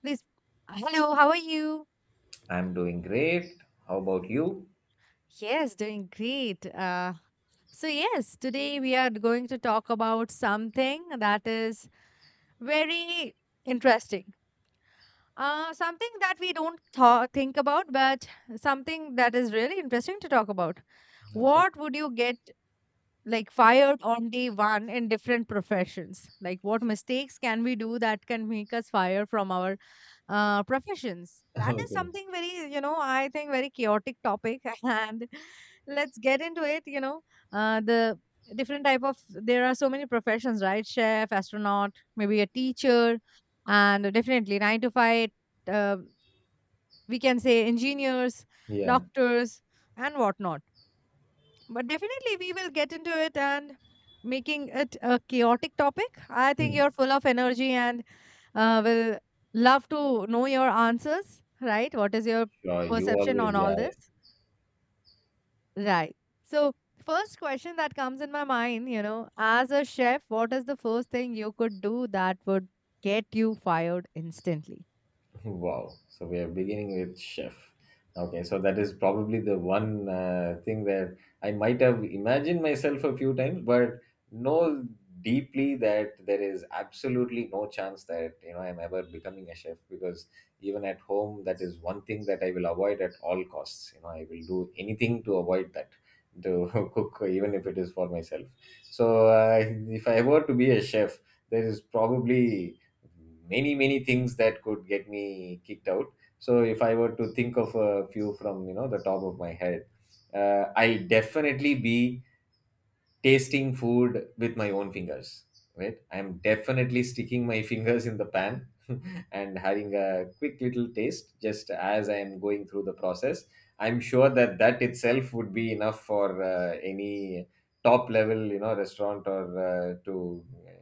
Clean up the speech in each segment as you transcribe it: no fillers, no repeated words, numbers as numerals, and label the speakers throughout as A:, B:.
A: Please. Hello, how are you?
B: I'm doing great. How about you?
A: Yes, doing great. Yes, today we are going to talk about something that is very interesting. Something that we don't think about, but something that is really interesting to talk about.
B: Okay.
A: What would you get like fired on day one in different professions, like what mistakes can we do that can make us fire from our professions? That is
B: Okay.
A: something very, I think, very chaotic topic and let's get into it. The different type of there are so many professions, right? Chef, astronaut, maybe a teacher, and definitely 9 to 5, uh, we can say, engineers,
B: Yeah.
A: doctors, and whatnot. But definitely, we will get into it. And making it a chaotic topic, I think
B: Hmm.
A: you're full of energy and will love to know your answers, right? What is your
B: Sure. You
A: perception on
B: always.
A: all
B: Yeah. Yeah.
A: this? Right. So, first question that comes in my mind, you know, as a chef, what is the first thing you could do that would get you fired instantly?
B: Wow. So we are beginning with chef. Okay, so that is probably the one thing that I might have imagined myself a few times, but know deeply that there is absolutely no chance that I'm ever becoming a chef because even at home, that is one thing that I will avoid at all costs. I will do anything to avoid that to cook, even if it is for myself. So if I were to be a chef, there is probably many many things that could get me kicked out. So if I were to think of a few from the top of my head. I'll definitely be tasting food with my own fingers. Right, I'm definitely sticking my fingers in the pan. And having a quick little taste just as I am going through the process, I'm sure that that itself would be enough for any top level restaurant or to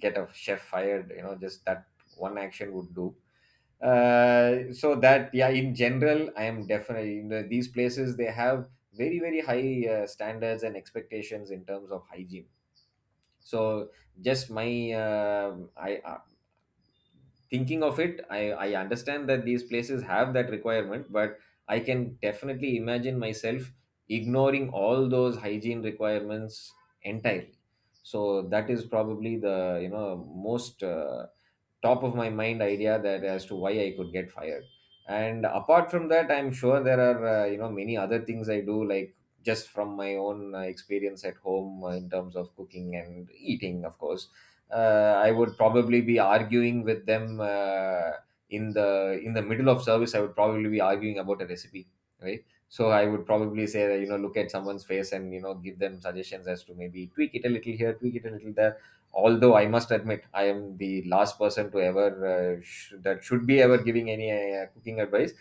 B: get a chef fired, just that one action would do. So that, yeah, in general, I am definitely. These places, they have very very high standards and expectations in terms of hygiene. So just my I thinking of it, I understand that these places have that requirement, but I can definitely imagine myself ignoring all those hygiene requirements entirely. So that is probably the most top of my mind idea that as to why I could get fired. And apart from that, I'm sure there are many other things I do, like just from my own experience at home, in terms of cooking and eating, of course. I would probably be arguing with them, in the middle of service. I would probably be arguing about a recipe, right? So I would probably say that, look at someone's face and give them suggestions as to maybe tweak it a little here, tweak it a little there, although I must admit I am the last person to ever that should be ever giving any cooking advice.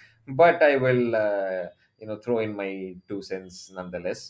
B: But I will throw in my two cents nonetheless.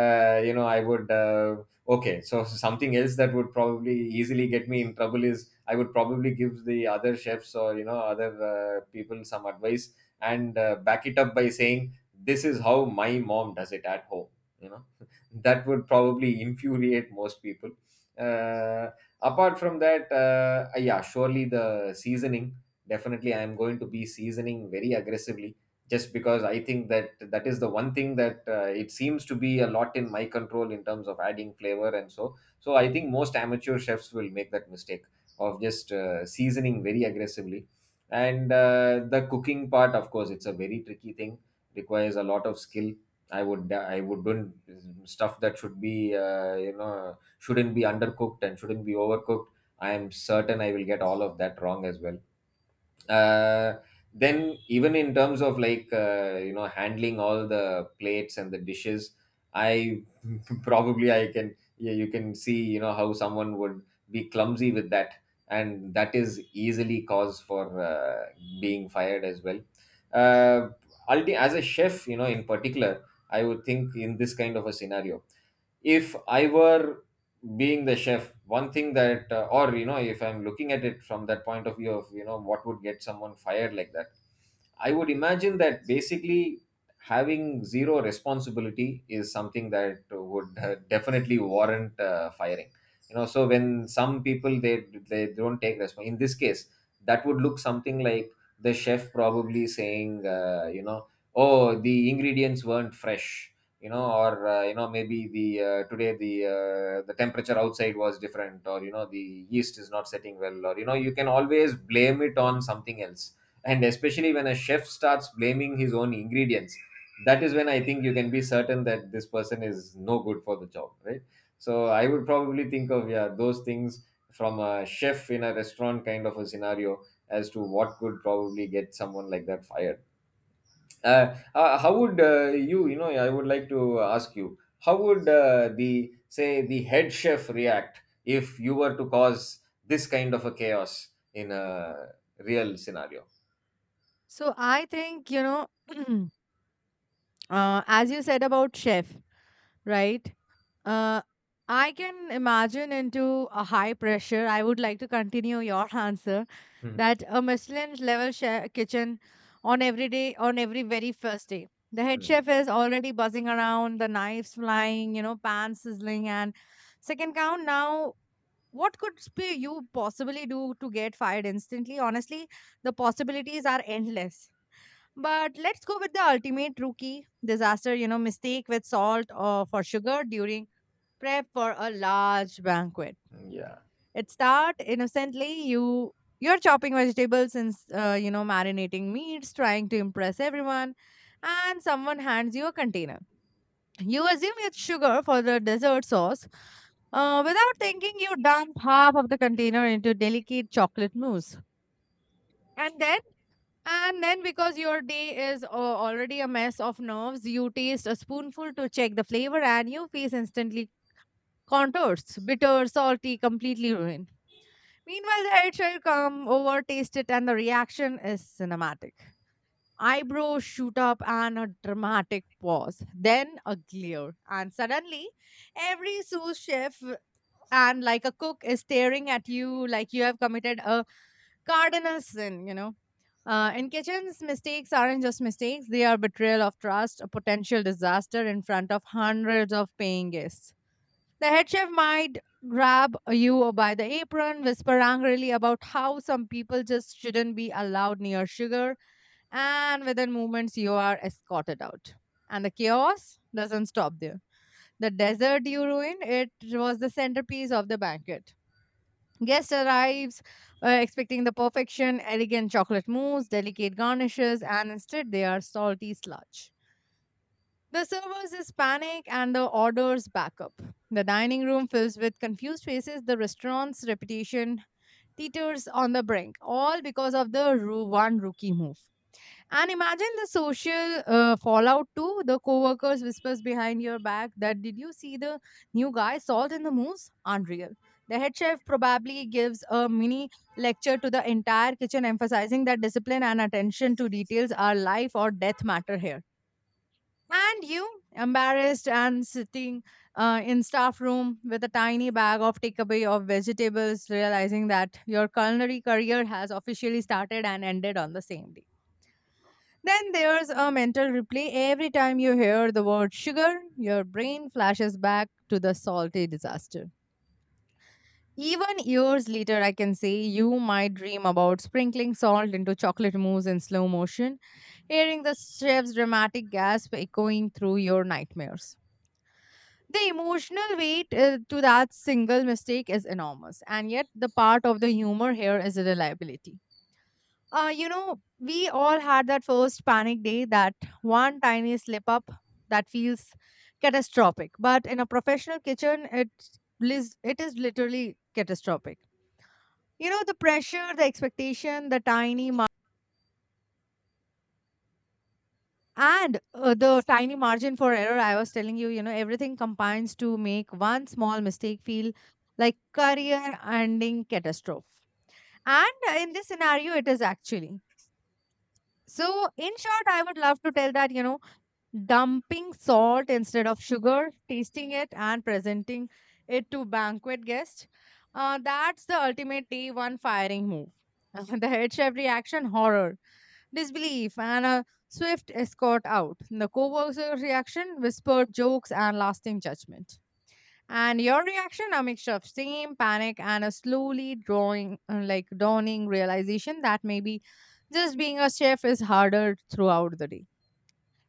B: You know I would Okay, so something else that would probably easily get me in trouble is I would probably give the other chefs or other people some advice and back it up by saying this is how my mom does it at home you know that would probably infuriate most people. uh, Apart from that, yeah, surely the seasoning. Definitely, I am going to be seasoning very aggressively just because I think that that is the one thing that it seems to be a lot in my control in terms of adding flavor and so. So I think most amateur chefs will make that mistake of just seasoning very aggressively. And the cooking part, of course, it's a very tricky thing. Requires a lot of skill. I wouldn't stuff that should be shouldn't be undercooked and shouldn't be overcooked. I am certain I will get all of that wrong as well. uh, then even in terms of, like, handling all the plates and the dishes, I probably I can yeah, you can see how someone would be clumsy with that, and that is easily cause for being fired as well. uh, as a chef, in particular, I would think in this kind of a scenario, if I were being the chef, one thing that, or you know, if I'm looking at it from that point of view of, what would get someone fired like that, I would imagine that basically having zero responsibility is something that would definitely warrant firing. So when some people, they don't take responsibility. In this case, that would look something like the chef probably saying, oh, the ingredients weren't fresh, or maybe the today the temperature outside was different, or the yeast is not setting well, or you can always blame it on something else. And especially when a chef starts blaming his own ingredients, that is when I think you can be certain that this person is no good for the job. Right, so I would probably think of, yeah, those things, from a chef in a restaurant kind of a scenario, as to what could probably get someone like that fired. How would you you know I would like to ask you, how would the say the head chef react if you were to cause this kind of a chaos in a real scenario?
A: So, I think, you know, as you said about chef, right? Uh, I can imagine into a high pressure. I would like to continue your answer
B: Hmm.
A: that, a Michelin level chef kitchen, on every day, on every very first day. The head
B: Hmm.
A: chef is already buzzing around, the knives flying, you know, pan sizzling, and second count. Now, what could you possibly do to get fired instantly? Honestly, the possibilities are endless. But let's go with the ultimate rookie disaster, you know, mistake with salt or for sugar during prep for a large banquet.
B: Yeah.
A: It start innocently. You're chopping vegetables and you know, marinating meats, trying to impress everyone, and someone hands you a container. You assume it's sugar for the dessert sauce. Without thinking, you dump half of the container into delicate chocolate mousse. And then and then, because your day is already a mess of nerves, you taste a spoonful to check the flavor, and your face instantly contours, bitter, salty, completely ruined. Meanwhile, the head shall come over, taste it, and the reaction is cinematic. Eyebrows shoot up and a dramatic pause, then a glare, and suddenly, every sous chef and like a cook is staring at you like you have committed a cardinal sin, you know. In kitchens, mistakes aren't just mistakes, they are betrayal of trust, a potential disaster in front of hundreds of paying guests. The head chef might grab you by the apron, whisper angrily about how some people just shouldn't be allowed near sugar, and within moments, you are escorted out. And the chaos doesn't stop there. The dessert you ruined, it was the centerpiece of the banquet. Guest arrives expecting the perfection, elegant chocolate mousse, delicate garnishes, and instead they are salty sludge. The servers is panic and the orders back up. The dining room fills with confused faces, the restaurant's reputation teeters on the brink, all because of the one rookie move. And imagine the social fallout too. The coworkers whispers behind your back that did you see the new guy salt in the moose? Unreal. The head chef probably gives a mini lecture to the entire kitchen, emphasizing that discipline and attention to details are life or death matter here. And you, embarrassed and sitting in staff room with a tiny bag of takeaway of vegetables, realizing that your culinary career has officially started and ended on the same day. Then there's a mental replay. Every time you hear the word sugar, your brain flashes back to the salty disaster. Even years later, I can say you might dream about sprinkling salt into chocolate mousse in slow motion, hearing the chef's dramatic gasp echoing through your nightmares. The emotional weight to that single mistake is enormous, and yet the part of the humor here is reliability. You know, we all had that first panic day, that one tiny slip up that feels catastrophic. But in a professional kitchen, it it is literally catastrophic. You know, the pressure, the expectation, the tiny mar- and the tiny margin for error. I was telling you, you know, everything combines to make one small mistake feel like career-ending catastrophe. And in this scenario, it is actually. So, in short, I would love to tell that, you know, dumping salt instead of sugar, tasting it and presenting it to banquet guests. That's the ultimate day one firing move. The head chef reaction, horror, disbelief, and a swift escort out. The co worker reaction, whispered jokes and lasting judgment. And your reaction, a mixture of shame, panic, and a slowly drawing, like dawning realization that maybe just being a chef is harder throughout the day,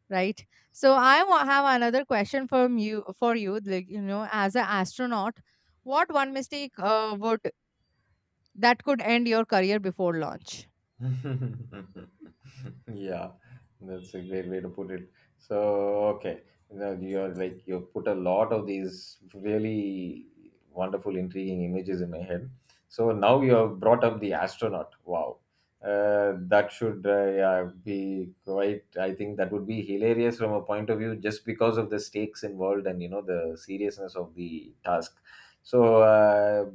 A: right? So I have another question from you for you, like, you know, as an astronaut, what one mistake would that could end your career before launch?
B: Yeah, that's a great way to put it. So, okay, you're, like, you put a lot of these really wonderful, intriguing images in my head. So now you have brought up the astronaut. Wow, that should, yeah, be quite. I think that would be hilarious from a point of view, just because of the stakes involved and the seriousness of the task. So,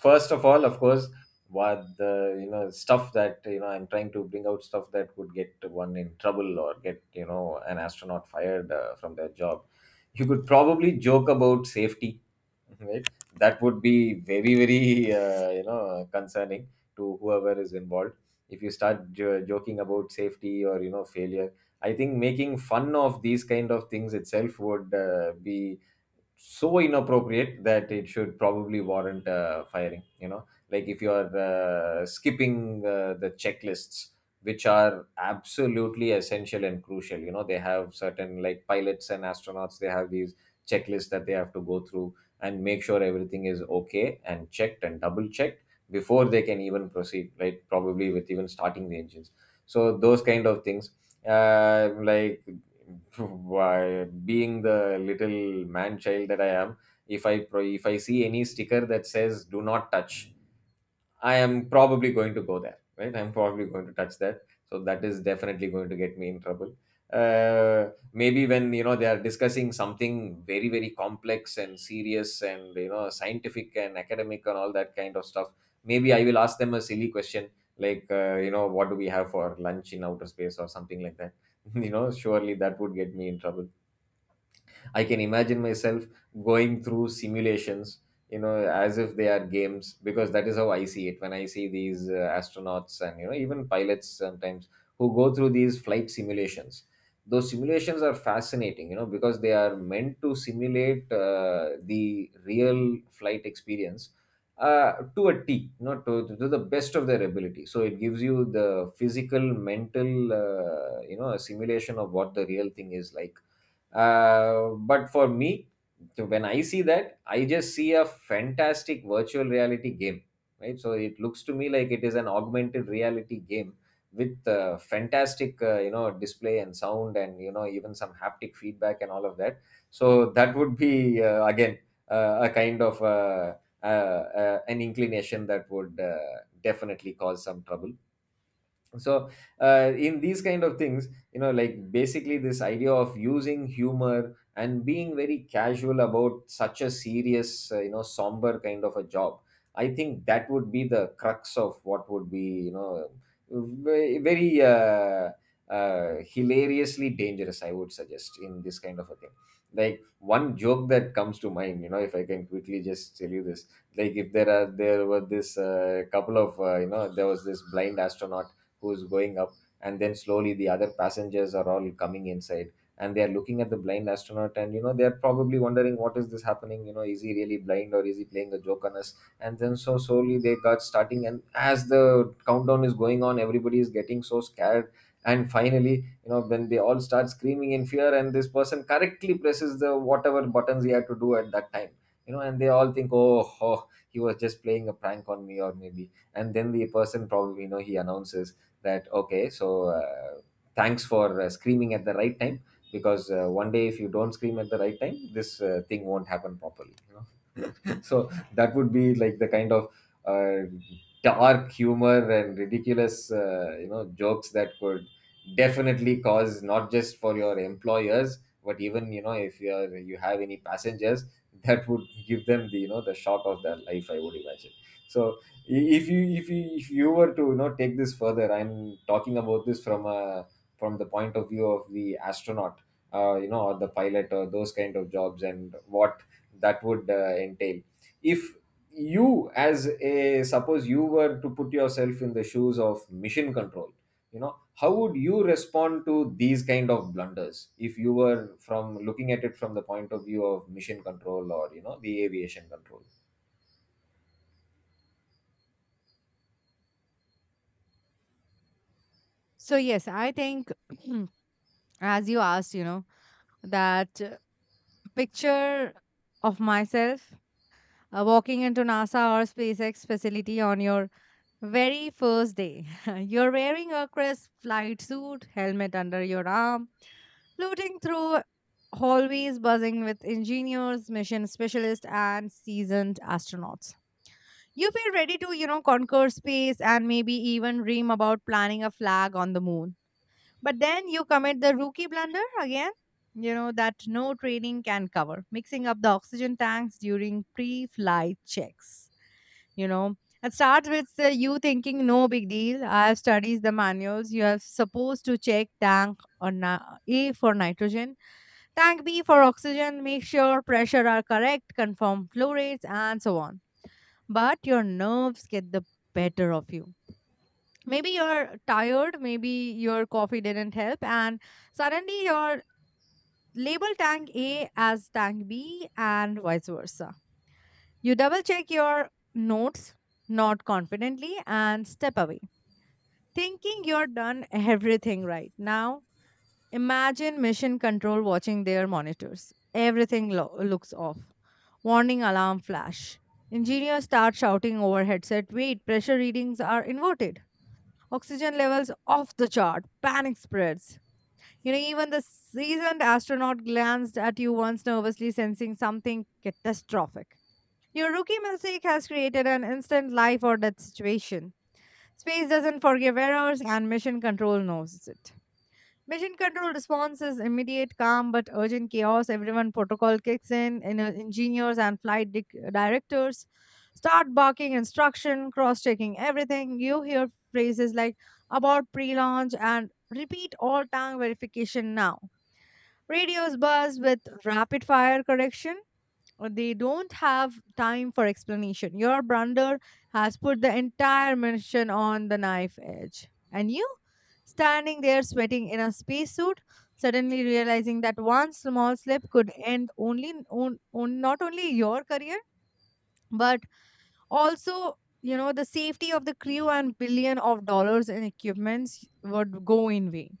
B: first of all, of course, what the you know stuff that, I'm trying to bring out stuff that could get one in trouble or get, an astronaut fired from their job. You could probably joke about safety. Right, that would be very very concerning to whoever is involved. If you start joking about safety or failure, I think making fun of these kind of things itself would be so inappropriate that it should probably warrant firing. Like, if you are skipping the checklists, which are absolutely essential and crucial. They have certain, like, pilots and astronauts, they have these checklists that they have to go through and make sure everything is okay and checked and double checked before they can even proceed, right? Probably with even starting the engines. So those kind of things. Like, why, being the little man child that I am, if I see any sticker that says "Do not touch," I am probably going to go there, right? I'm probably going to touch that. So that is definitely going to get me in trouble. Maybe when, they are discussing something very very complex and serious and, scientific and academic and all that kind of stuff. Maybe I will ask them a silly question, like, what do we have for lunch in outer space or something like that. Surely that would get me in trouble. I can imagine myself going through simulations, as if they are games, because that is how I see it when I see these astronauts and, even pilots sometimes who go through these flight simulations. Those simulations are fascinating, because they are meant to simulate the real flight experience to a T, to the best of their ability. So it gives you the physical, mental, a simulation of what the real thing is like. But for me, when I see that, I just see a fantastic virtual reality game, right? So it looks to me like it is an augmented reality game with fantastic, display and sound, and even some haptic feedback and all of that. So that would be again a kind of an inclination that would definitely cause some trouble, so in these kind of things, you know, like basically this idea of using humor and being very casual about such a serious, you know, somber kind of a job. I think that would be the crux of what would be, you know, very, very hilariously dangerous, I would suggest, in this kind of a thing. Like one joke that comes to mind, you know, if I can quickly just tell you this. Like, if there are there were this couple of, you know, there was this blind astronaut who's going up, and then slowly the other passengers are all coming inside, and they are looking at the blind astronaut, and, you know, they're probably wondering, what is this happening? You know, is he really blind, or is he playing a joke on us? And then so slowly they got starting, and as the countdown is going on, everybody is getting so scared. And finally, you know, when they all start screaming in fear, and this person correctly presses the whatever buttons he had to do at that time, you know, and they all think, oh, oh, he was just playing a prank on me, or maybe. And then the person probably, you know, he announces that, okay, so uh, thanks for screaming at the right time, because one day, if you don't scream at the right time, this thing won't happen properly, you know. So that would be like the kind of uh, dark humor and ridiculous, you know, jokes that could definitely cause, not just for your employers, but even, you know, if you are, you have any passengers, that would give them the, you know, the shock of their life, I would imagine. So if you, if you were to, you know, take this further. I'm talking about this from a, from the point of view of the astronaut, you know, or the pilot, or those kind of jobs, and what that would entail. If you, as a, suppose you were to put yourself in the shoes of mission control, you know, how would you respond to these kind of blunders if you were, from looking at it from the point of view of mission control, or, you know, the aviation control?
A: So, yes, I think as you asked, you know, that picture of myself walking into NASA or SpaceX facility on your very first day. You're wearing a crisp flight suit, helmet under your arm, floating through hallways buzzing with engineers, mission specialists, and seasoned astronauts. You feel ready to, you know, conquer space and maybe even dream about planning a flag on the moon. But then you commit the rookie blunder again, you know, that no training can cover, mixing up the oxygen tanks during pre flight checks, you know. It starts with you thinking, no big deal, I have studied the manuals. You are supposed to check tank, A for nitrogen, tank B for oxygen, make sure pressure are correct, confirm flow rates, and so on. But your nerves get the better of you. Maybe you're tired, maybe your coffee didn't help, and suddenly you're label tank A as tank B and vice versa. You double check your notes not confidently and step away thinking you're done everything right. Now imagine mission control watching their monitors. Everything looks off. Warning alarm flash. Engineers start shouting over headset, wait, pressure readings are inverted, oxygen levels off the chart, panic spreads. You know, even the seasoned astronaut glanced at you once nervously, sensing something catastrophic. Your rookie mistake has created an instant life or death situation. Space doesn't forgive errors, and mission control knows it. Mission control response is immediate, calm, but urgent chaos. Everyone protocol kicks in, and engineers and flight directors start barking instruction, cross-checking everything. You hear phrases like about pre-launch and repeat all tank verification now. Radios buzz with rapid fire correction or they don't have time for explanation. Your brander has put the entire mission on the knife edge. And you, standing there sweating in a spacesuit, suddenly realizing that one small slip could end only on not only your career, but also, you know, the safety of the crew and billion of dollars in equipments would go in vain.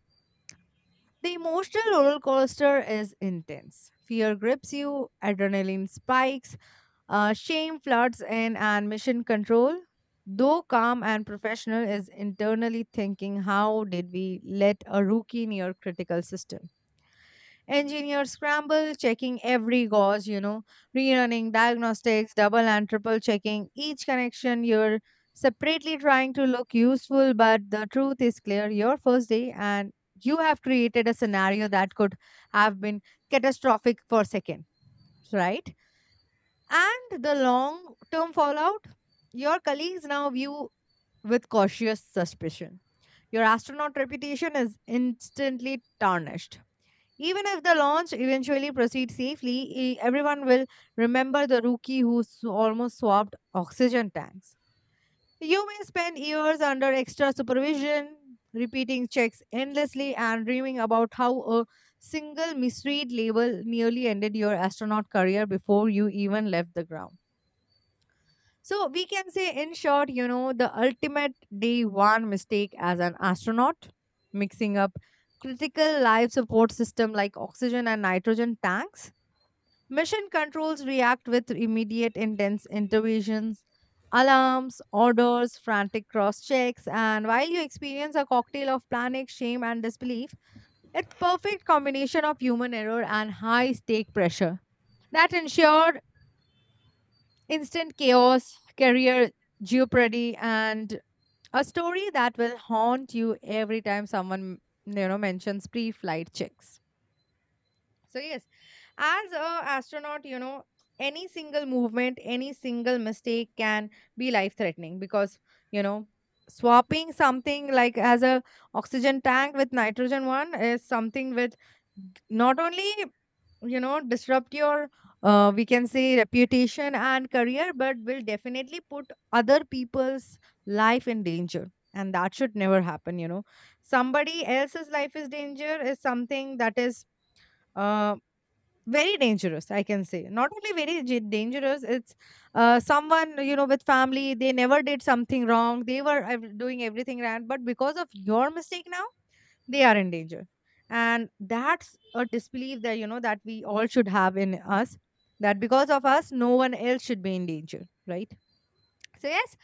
A: The emotional roller coaster is intense. Fear grips you, adrenaline spikes, shame floods in, and mission control, though calm and professional, is internally thinking, how did we let a rookie near critical system? Engineers scramble, checking every gauze, you know, rerunning diagnostics, double and triple checking each connection. You're separately trying to look useful, but the truth is clear, your first day, and you have created a scenario that could have been catastrophic for second, right? And the long term fallout? Your colleagues now view with cautious suspicion. Your astronaut reputation is instantly tarnished. Even if the launch eventually proceeds safely, everyone will remember the rookie who almost swapped oxygen tanks. You may spend years under extra supervision, repeating checks endlessly, and dreaming about how a single misread label nearly ended your astronaut career before you even left the ground. So we can say, in short, you know, the ultimate day one mistake as an astronaut, mixing up critical life support system like oxygen and nitrogen tanks. Mission controls react with immediate intense interventions, alarms, orders, frantic cross checks, and while you experience a cocktail of panic, shame, and disbelief, it's perfect combination of human error and high stake pressure that ensure instant chaos, career jeopardy, and a story that will haunt you every time someone, you know, mentions pre-flight checks. So, yes, as a astronaut, any single movement, any single mistake can be life threatening because, you know, swapping something like as a oxygen tank with nitrogen one is something with not only disrupt your we can say reputation and career, but will definitely put other people's life in danger. And that should never happen, somebody else's life is danger is something that is uh, very dangerous. I can say not only very dangerous, it's someone, with family. They never did something wrong, they were doing everything right, but because of your mistake now they are in danger. And that's a disbelief that that we all should have in us, that because of us no one else should be in danger, right? So, yes,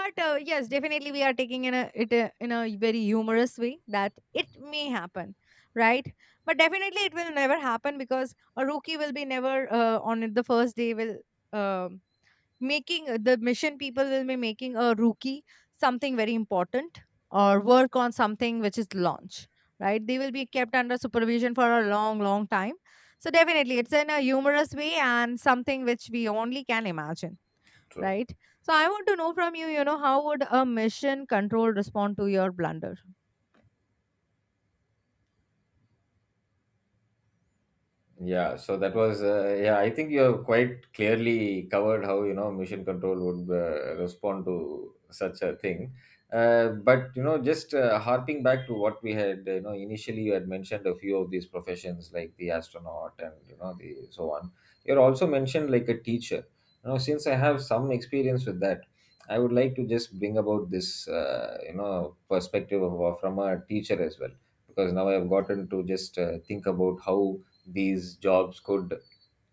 A: but yes, definitely we are taking in a it in a very humorous way that it may happen, right? But definitely it will never happen because a rookie will be never on the first day will um making the mission people will be making a rookie something very important or work on something which is launch, right? They will be kept under supervision for a long long time. So definitely it's in a humorous way and something which we only can imagine,
B: True.
A: right? So I want to know from you, how would a mission control respond to your blunder?
B: Yeah, so that was, yeah, I think you have quite clearly covered how, you know, mission control would respond to such a thing. But, you know, just harping back to what we had, you know, initially you had mentioned a few of these professions, like the astronaut and, you know, the so on. You also mentioned like a teacher. You know, since I have some experience with that, I would like to just bring about this, you know, perspective of, from a teacher as well. Because now I have gotten to just think about how these jobs could,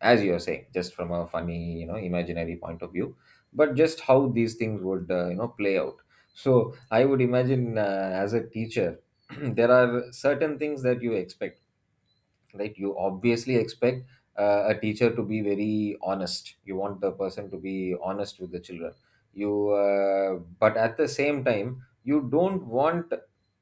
B: as you are saying, just from a funny, you know, imaginary point of view, but just how these things would, you know, play out. So I would imagine, as a teacher, there are certain things that you expect, right? You obviously expect a teacher to be very honest. You want the person to be honest with the children. You But at the same time, you don't want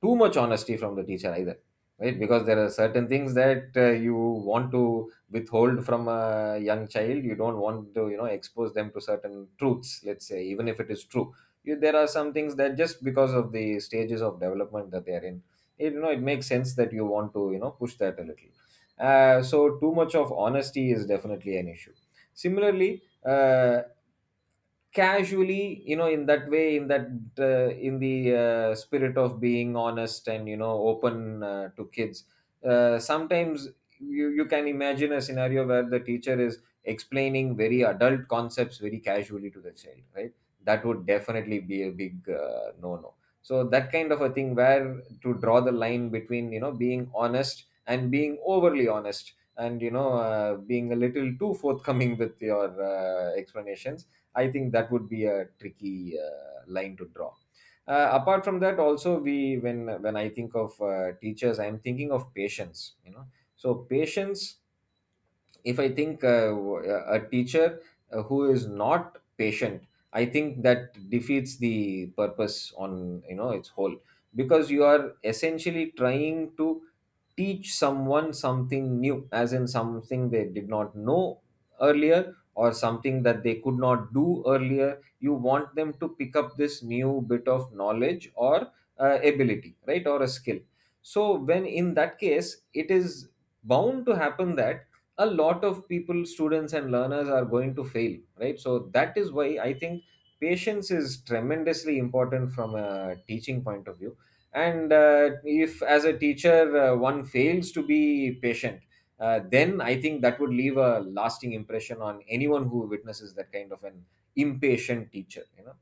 B: too much honesty from the teacher either, right? Because there are certain things that, you want to withhold from a young child. You don't want to, you know, expose them to certain truths, let's say, even if it is true. You, there are some things that, just because of the stages of development that they are in, it, you know, it makes sense that you want to, you know, push that a little. So too much of honesty is definitely an issue. Similarly, casually, you know, in that way, in that in the spirit of being honest and, you know, open to kids, sometimes you, you can imagine a scenario where the teacher is explaining very adult concepts very casually to the child, right? That would definitely be a big no no. So that kind of a thing, where to draw the line between, you know, being honest and being overly honest, and, you know, being a little too forthcoming with your explanations. I think that would be a tricky line to draw. Apart from that, also we when I think of teachers, I am thinking of patience. You know, so patience. If I think a teacher who is not patient, I think that defeats the purpose on, you know, its whole, because you are essentially trying to teach someone something new, as in something they did not know earlier, or something that they could not do earlier. You want them to pick up this new bit of knowledge or ability, right, or a skill. So, when in that case, it is bound to happen that a lot of people, students, and learners are going to fail, right? So, that is why I think patience is tremendously important from a teaching point of view. And if as a teacher one fails to be patient, then I think that would leave a lasting impression on anyone who witnesses that kind of an impatient teacher, you know.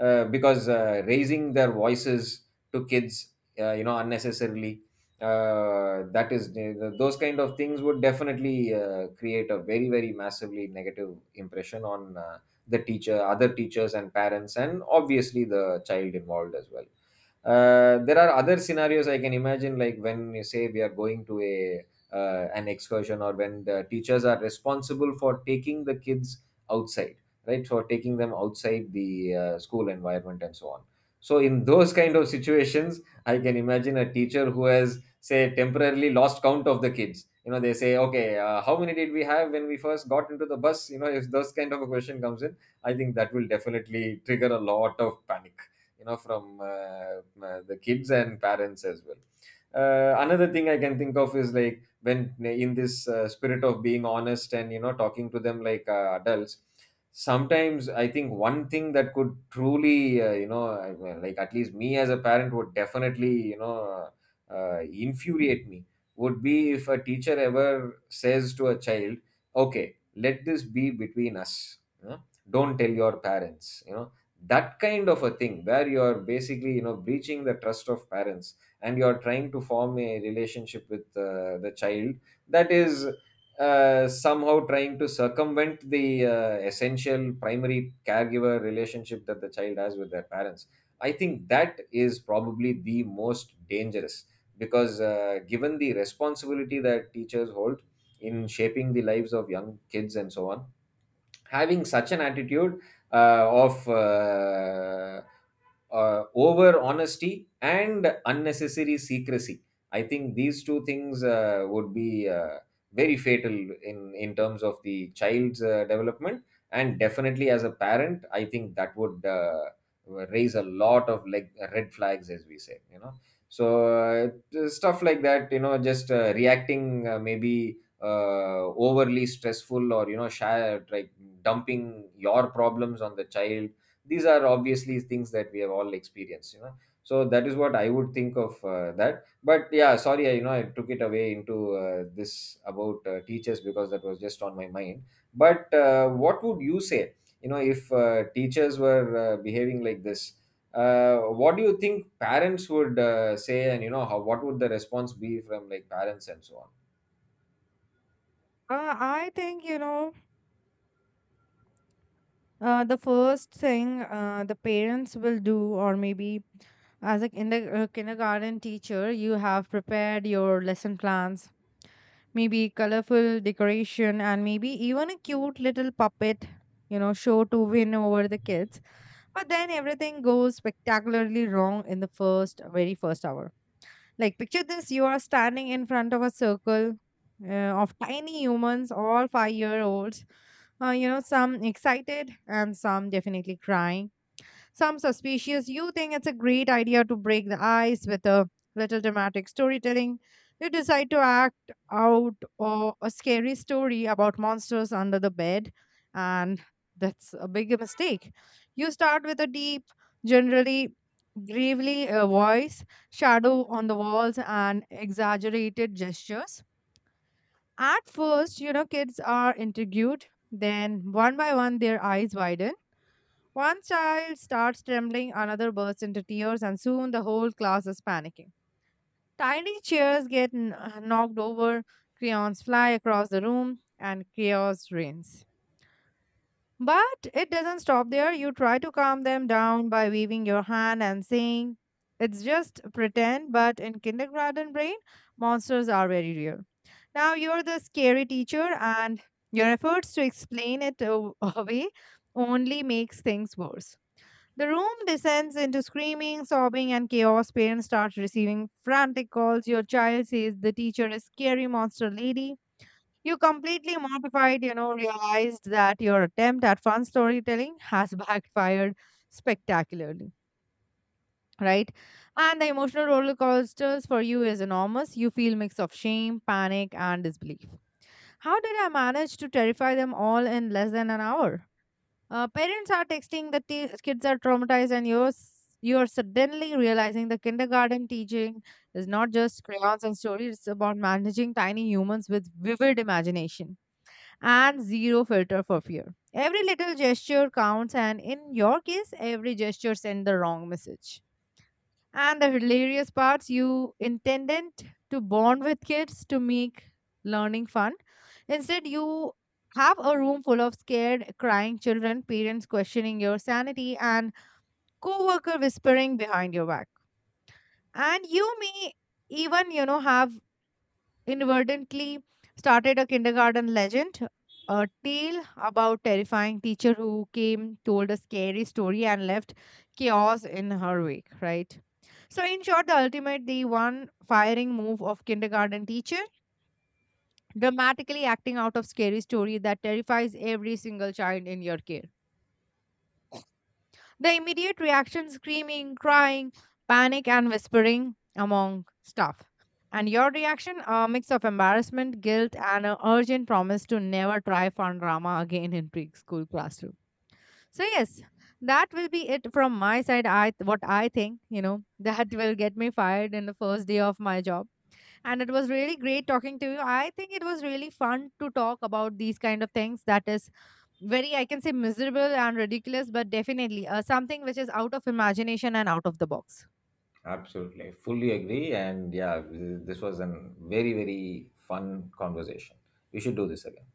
B: Because raising their voices to kids, you know, unnecessarily, that is, those kind of things would definitely create a very, very massively negative impression on the teacher, other teachers and parents, and obviously the child involved as well. There are other scenarios I can imagine, like when you say we are going to a an excursion, or when the teachers are responsible for taking the kids outside, right? For taking them outside the school environment and so on. So in those kind of situations, I can imagine a teacher who has, say, temporarily lost count of the kids. You know, they say, okay, how many did we have when we first got into the bus? You know, if those kind of a question comes in, I think that will definitely trigger a lot of panic, you know, from the kids and parents as well. Another thing I can think of is like, when in this spirit of being honest and, you know, talking to them like adults, sometimes I think one thing that could truly you know, well, like at least me as a parent would definitely, you know, uh, infuriate me, would be if a teacher ever says to a child, okay, let this be between us, you know? Don't tell your parents, you know. That kind of a thing, where you're basically, you know, breaching the trust of parents, and you're trying to form a relationship with the child, that is somehow trying to circumvent the essential primary caregiver relationship that the child has with their parents. I think that is probably the most dangerous, because given the responsibility that teachers hold in shaping the lives of young kids and so on, having such an attitude of over honesty and unnecessary secrecy, I think these two things would be very fatal in in terms of the child's development. And definitely as a parent, I think that would raise a lot of like red flags, as we say, you know. So stuff like that, you know, just reacting maybe overly stressful, or, you know, share like dumping your problems on the child. These are obviously things that we have all experienced, you know. So that is what I would think of that. But yeah, sorry, you know, I took it away into this about teachers, because that was just on my mind. But what would you say, you know, if teachers were behaving like this, what do you think parents would say, and, you know, how, what would the response be from like parents and so on?
A: I think, the first thing the parents will do, or maybe as a kindergarten teacher, you have prepared your lesson plans, maybe colorful decoration, and maybe even a cute little puppet, you know, show to win over the kids. But then everything goes spectacularly wrong in the first, very first hour. Like, picture this, you are standing in front of a circle of tiny humans, all 5 year olds, you know, some excited and some definitely crying, some suspicious. You think it's a great idea to break the ice with a little dramatic storytelling. You decide to act out or a scary story about monsters under the bed, and that's a big mistake. You start with a deep, generally gravely voice, shadow on the walls, and exaggerated gestures. At first, you know, kids are intrigued. Then, one by one, their eyes widen, one child starts trembling, another bursts into tears, and soon the whole class is panicking. Tiny chairs get knocked over, crayons fly across the room, and chaos reigns. But it doesn't stop there. You try to calm them down by waving your hand and saying, "It's just pretend," but in kindergarten brain, monsters are very real. Now you're the scary teacher, and your efforts to explain away only makes things worse. The room descends into screaming, sobbing, and chaos. Parents start receiving frantic calls. Your child says the teacher is scary monster lady. You completely mortified, you know, realized that your attempt at fun storytelling has backfired spectacularly, right? And the emotional roller coasters for you is enormous. You feel mix of shame, panic, and disbelief. How did I manage to terrify them all in less than an hour? Parents are texting the kids are traumatized, and you're suddenly realizing the kindergarten teaching is not just crayons and stories; it's about managing tiny humans with vivid imagination and zero filter for fear. Every little gesture counts, and in your case, every gesture sent the wrong message. And the hilarious parts, you intended to bond with kids to make learning fun. Instead, you have a room full of scared, crying children, parents questioning your sanity, and co-worker whispering behind your back. And you may even, have inadvertently started a kindergarten legend, a tale about terrifying teacher who came, told a scary story, and left chaos in her wake, right? So, in short, the ultimate, the one firing move of kindergarten teacher, dramatically acting out of scary story that terrifies every single child in your care. The immediate reaction screaming, crying, panic, and whispering among staff. And your reaction, a mix of embarrassment, guilt, and an urgent promise to never try fun drama again in preschool classroom. So, yes, that will be it from my side. I what I think, you know, that will get me fired in the first day of my job, and it was really great talking to you. I think it was really fun to talk about these kind of things that is very, I can say, miserable and ridiculous, but definitely something which is out of imagination and out of the box.
B: Absolutely. I fully agree. And yeah, this was a very, very fun conversation. We should do this again.